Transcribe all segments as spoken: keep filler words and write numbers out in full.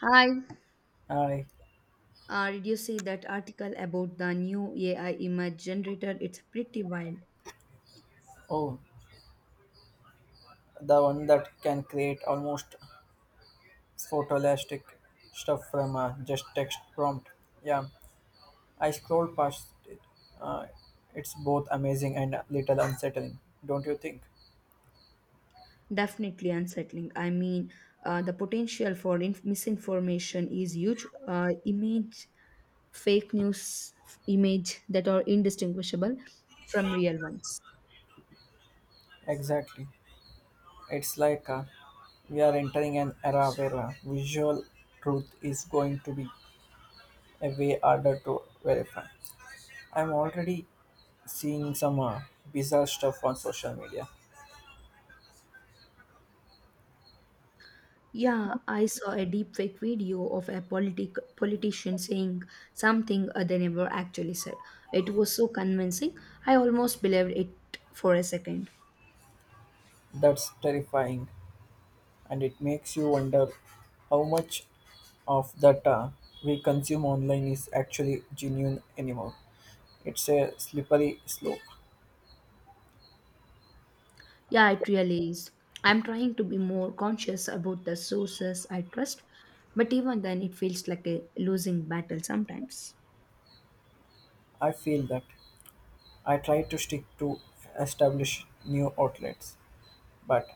Hi. I. Uh, did you see that article about the new A I image generator? It's pretty wild. Oh, the one that can create almost photoelastic stuff from uh, just text prompt. Yeah, I scrolled past it. Uh, it's both amazing and a little unsettling, don't you think? Definitely unsettling. I mean, uh, the potential for inf- misinformation is huge. Uh, image, fake news f- image that are indistinguishable from real ones. Exactly. It's like uh, we are entering an era where uh, visual truth is going to be a way harder to verify. I'm already seeing some uh, bizarre stuff on social media. Yeah, I saw a deepfake video of a politic politician saying something uh, they never actually said. It was so convincing. I almost believed it for a second. That's terrifying, and it makes you wonder how much of that uh, we consume online is actually genuine anymore. It's a slippery slope. Yeah, it really is. I'm trying to be more conscious about the sources I trust, but even then, it feels like a losing battle sometimes. I feel that. I try to stick to establish new outlets, but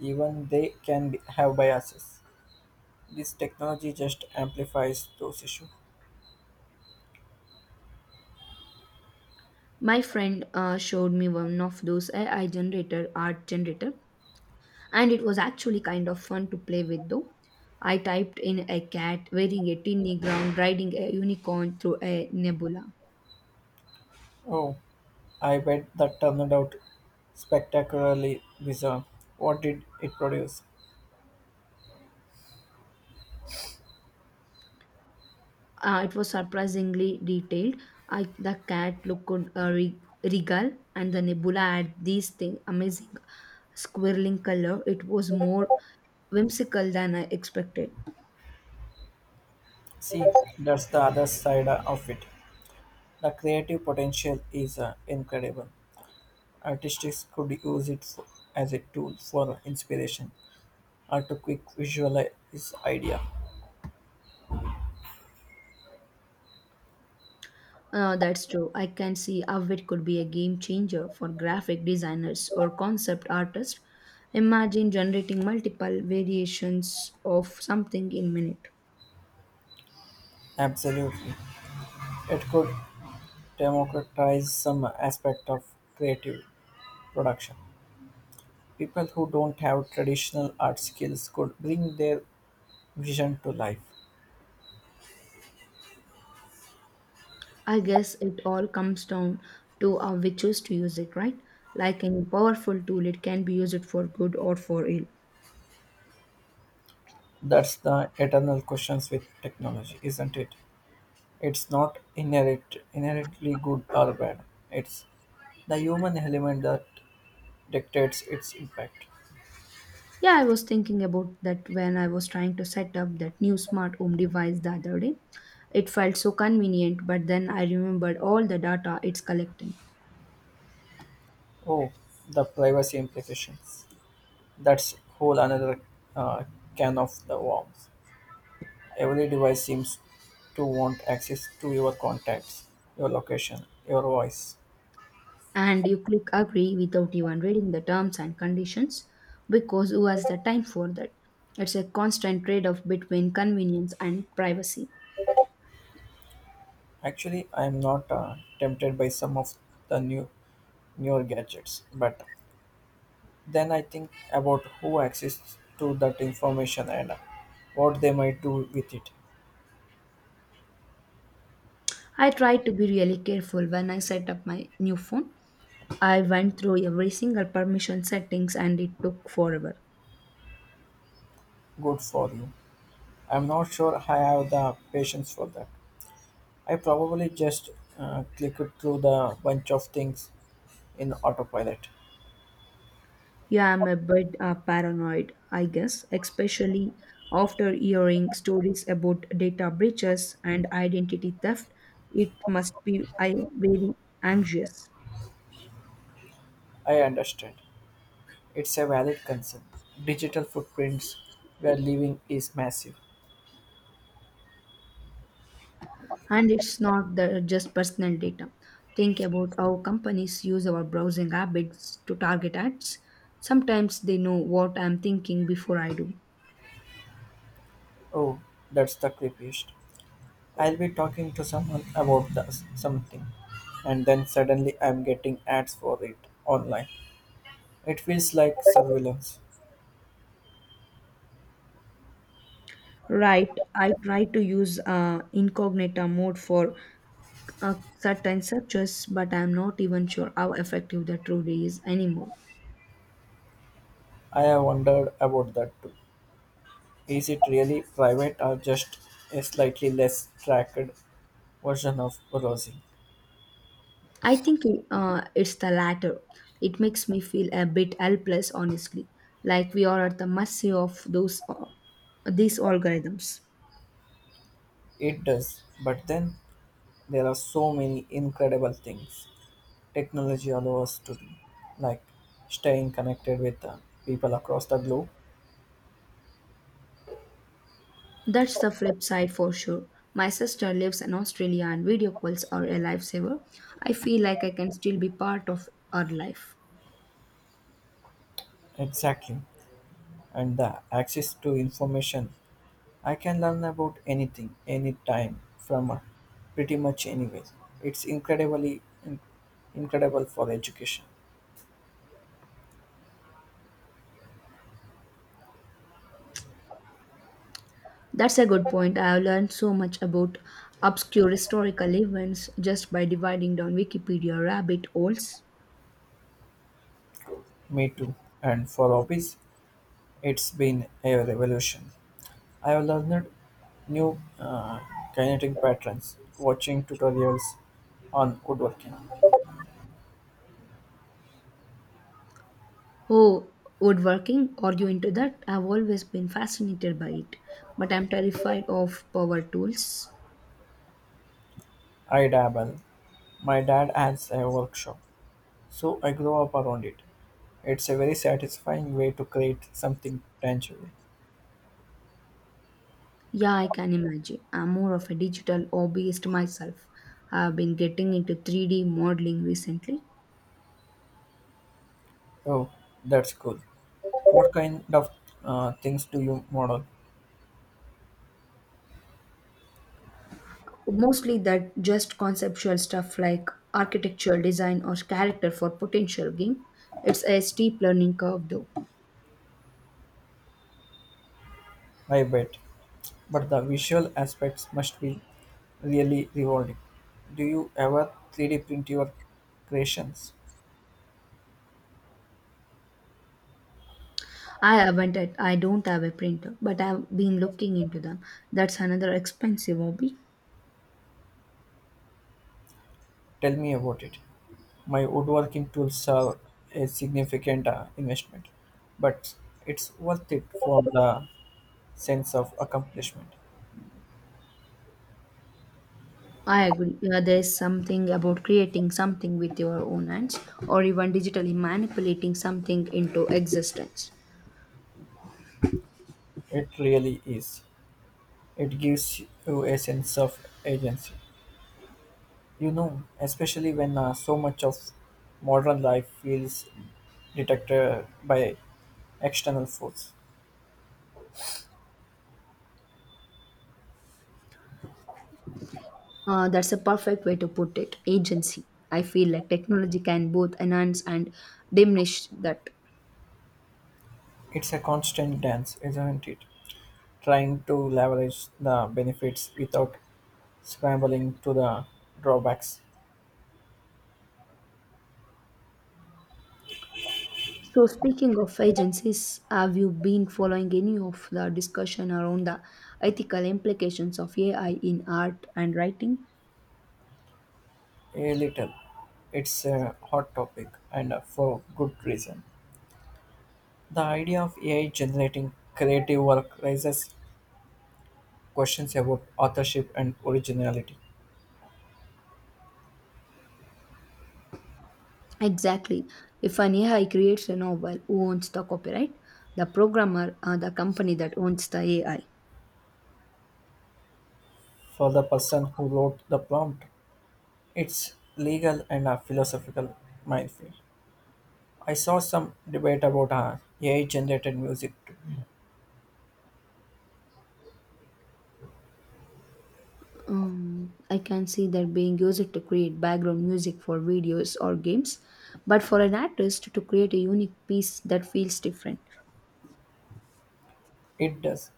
even they can be, have biases. This technology just amplifies those issues. My friend uh, showed me one of those A I generator art generator, and it was actually kind of fun to play with. Though I typed in a cat wearing a tiny ground riding a unicorn through a nebula. Oh, I bet that turned out spectacularly bizarre. What did it produce? Uh, it was surprisingly detailed. I, the cat looked uh, re- regal, and the nebula had these thing amazing swirling color. It was more whimsical than I expected. See, that's the other side of it. The creative potential is uh, incredible. Artists could use it for, as a tool for inspiration or to quick visualize idea. Uh, that's true. I can see how it could be a game changer for graphic designers or concept artists. Imagine generating multiple variations of something in minute. Absolutely. It could democratize some aspect of creative production. People who don't have traditional art skills could bring their vision to life. I guess it all comes down to how we choose to use it, right? Like any powerful tool, it can be used for good or for ill. That's the eternal questions with technology, isn't it? It's not inherent, Inherently good or bad. It's the human element that dictates its impact. Yeah, I was thinking about that when I was trying to set up that new smart home device the other day. It felt so convenient, but then I remembered all the data it's collecting. Oh, the privacy implications. That's whole another uh, can of the worms. Every device seems to want access to your contacts, your location, your voice. And you click agree without even reading the terms and conditions because who has the time for that? It's a constant trade off between convenience and privacy. Actually, I am not uh, tempted by some of the new newer gadgets, but then I think about who access to that information and what they might do with it. I tried to be really careful when I set up my new phone. I went through every single permission settings and it took forever. Good for you. I'm not sure I have the patience for that. I probably just uh, clicked through the bunch of things in autopilot. Yeah, I'm a bit uh, paranoid, I guess, especially after hearing stories about data breaches and identity theft. It must be I very anxious. I understand. It's a valid concern. Digital footprints we are leaving is massive. And it's not the, just personal data. Think about how companies use our browsing habits to target ads. Sometimes they know what I'm thinking before I do. Oh, that's the creepiest. I'll be talking to someone about the, something, and then suddenly I'm getting ads for it online. It feels like surveillance. Right. I try to use uh, incognito mode for uh, certain searches, but I'm not even sure how effective that truly is anymore. I have wondered about that too. Is it really private or just a slightly less tracked version of browsing? I think uh, it's the latter. It makes me feel a bit helpless, honestly, like we are at the mercy of those uh, these algorithms. It does, but then there are so many incredible things technology allows us to do, like staying connected with uh, people across the globe. That's the flip side for sure. My sister lives in Australia, and video calls are a lifesaver. I feel like I can still be part of her life. Exactly, and the access to information. I can learn about anything, anytime, from uh, pretty much anywhere. It's incredibly in- incredible for education. That's a good point. I have learned so much about obscure historical events just by dividing down Wikipedia rabbit holes. Me too. And for hobbies, it's been a revolution. I have learned new uh, kinetic patterns watching tutorials on woodworking. Oh, woodworking? Are you into that? I've always been fascinated by it, but I'm terrified of power tools. I dabble. My dad has a workshop, so I grow up around it. It's a very satisfying way to create something tangible. Yeah, I can imagine. I'm more of a digital hobbyist myself. I've been getting into three D modeling recently. Oh, that's cool. What kind of uh, things do you model? Mostly that just conceptual stuff like architectural design or character for potential game. It's a steep learning curve though. I bet. But the visual aspects must be really rewarding. Do you ever three D print your creations? I haven't I I don't have a printer, but I've been looking into them. That's another expensive hobby. Tell me about it. My woodworking tools are a significant uh, investment, but it's worth it for the sense of accomplishment. I agree. Yeah, there's something about creating something with your own hands or even digitally manipulating something into existence. It really is. It gives you a sense of agency. You know, especially when uh, so much of modern life feels detected by external force. Uh, that's a perfect way to put it. Agency. I feel like technology can both enhance and diminish that. It's a constant dance, isn't it? Trying to leverage the benefits without scrambling to the drawbacks. So, speaking of agencies, have you been following any of the discussion around the ethical implications of A I in art and writing? A little. It's a hot topic, and for good reason. The idea of A I generating creative work raises questions about authorship and originality. Exactly. If an A I creates a novel, who owns the copyright? The programmer or the company that owns the A I? For the person who wrote the prompt, it's legal and a philosophical minefield. I saw some debate about uh, A I generated music too. Um, I can see that being used to create background music for videos or games, but for an artist to create a unique piece that feels different. It does.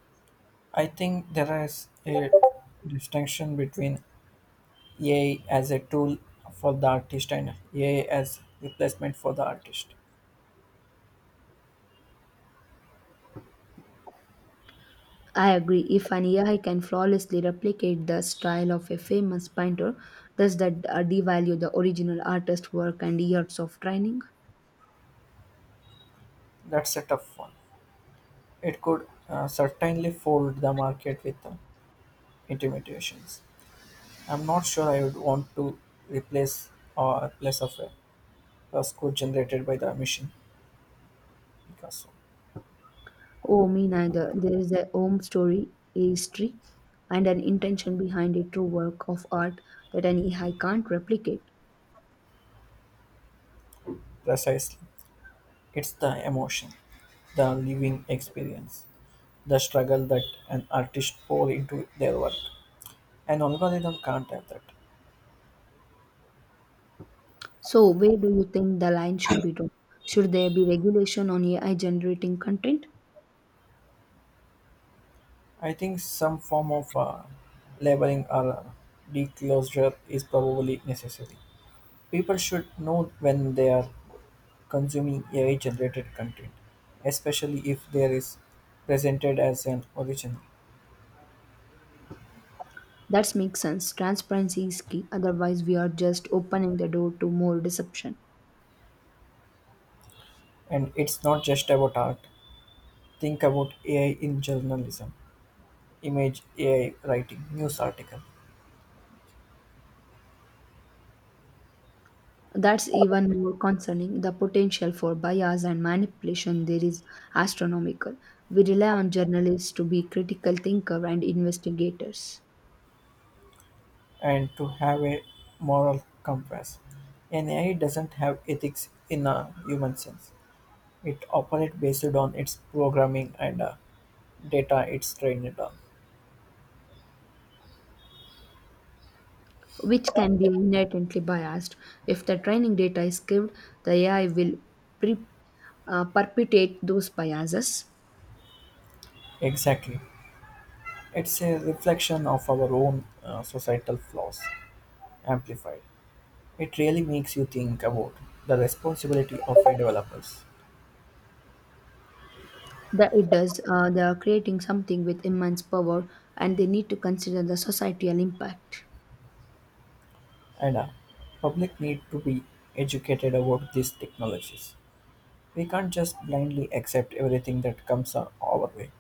I think there is a distinction between A I as a tool for the artist and A I as replacement for the artist. I agree. If an A I can flawlessly replicate the style of a famous painter, does that uh, devalue the original artist's work and years of training? That's a tough one. It could uh, certainly fold the market with uh, intimidations. I'm not sure I would want to replace or replace of a first code generated by the machine Picasso. Oh, me neither. There is a home story, a history, and an intention behind a true work of art that an A I can't replicate. Precisely. It's the emotion, the living experience, the struggle that an artist pour into their work. An algorithm can't have that. So, where do you think the line should be drawn? Should there be regulation on A I generating content? I think some form of uh, labeling or uh, declosure is probably necessary. People should know when they are consuming A I generated content, especially if there is presented as an original. That makes sense. Transparency is key, otherwise, we are just opening the door to more deception. And it's not just about art. Think about A I in journalism, image A I writing, news article, That's even more concerning. The potential for bias and manipulation there is astronomical. We rely on journalists to be critical thinkers and investigators, and to have a moral compass. An A I doesn't have ethics in a human sense. It operates based on its programming and uh, data it's trained on. which can be inherently biased. If the training data is skewed, the A I will pre- uh, perpetuate those biases. Exactly. It's a reflection of our own uh, societal flaws amplified. It really makes you think about the responsibility of a developers That it does, uh, they are creating something with immense power, and they need to consider the societal impact. and a public need to be educated about these technologies. We can't just blindly accept everything that comes our our way.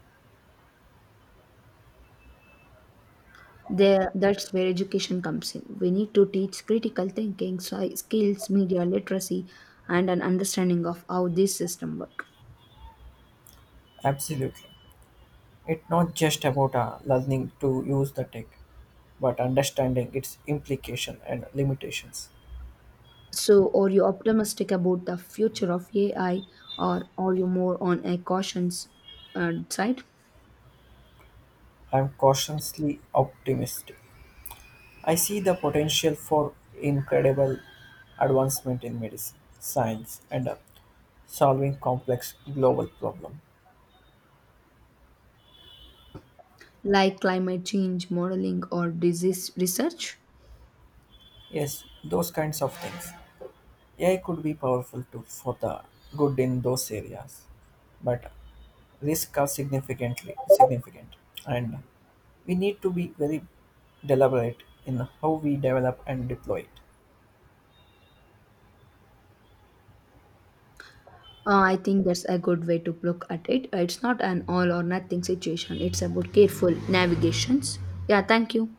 There, that's where education comes in. We need to teach critical thinking, sci- skills, media literacy, and an understanding of how this system work. Absolutely. It's not just about uh, learning to use the tech, but understanding its implication and limitations. So, are you optimistic about the future of A I, or are you more on a cautions uh, side, I'm cautiously optimistic. I see the potential for incredible advancement in medicine, science, and uh, solving complex global problems. like climate change modeling or disease research? Yes, those kinds of things. A I could be powerful tool for the good in those areas, but risks are significantly significant, and we need to be very deliberate in how we develop and deploy it. Uh, I think that's a good way to look at it. It's not an all or nothing situation. It's about careful navigations. Yeah, thank you.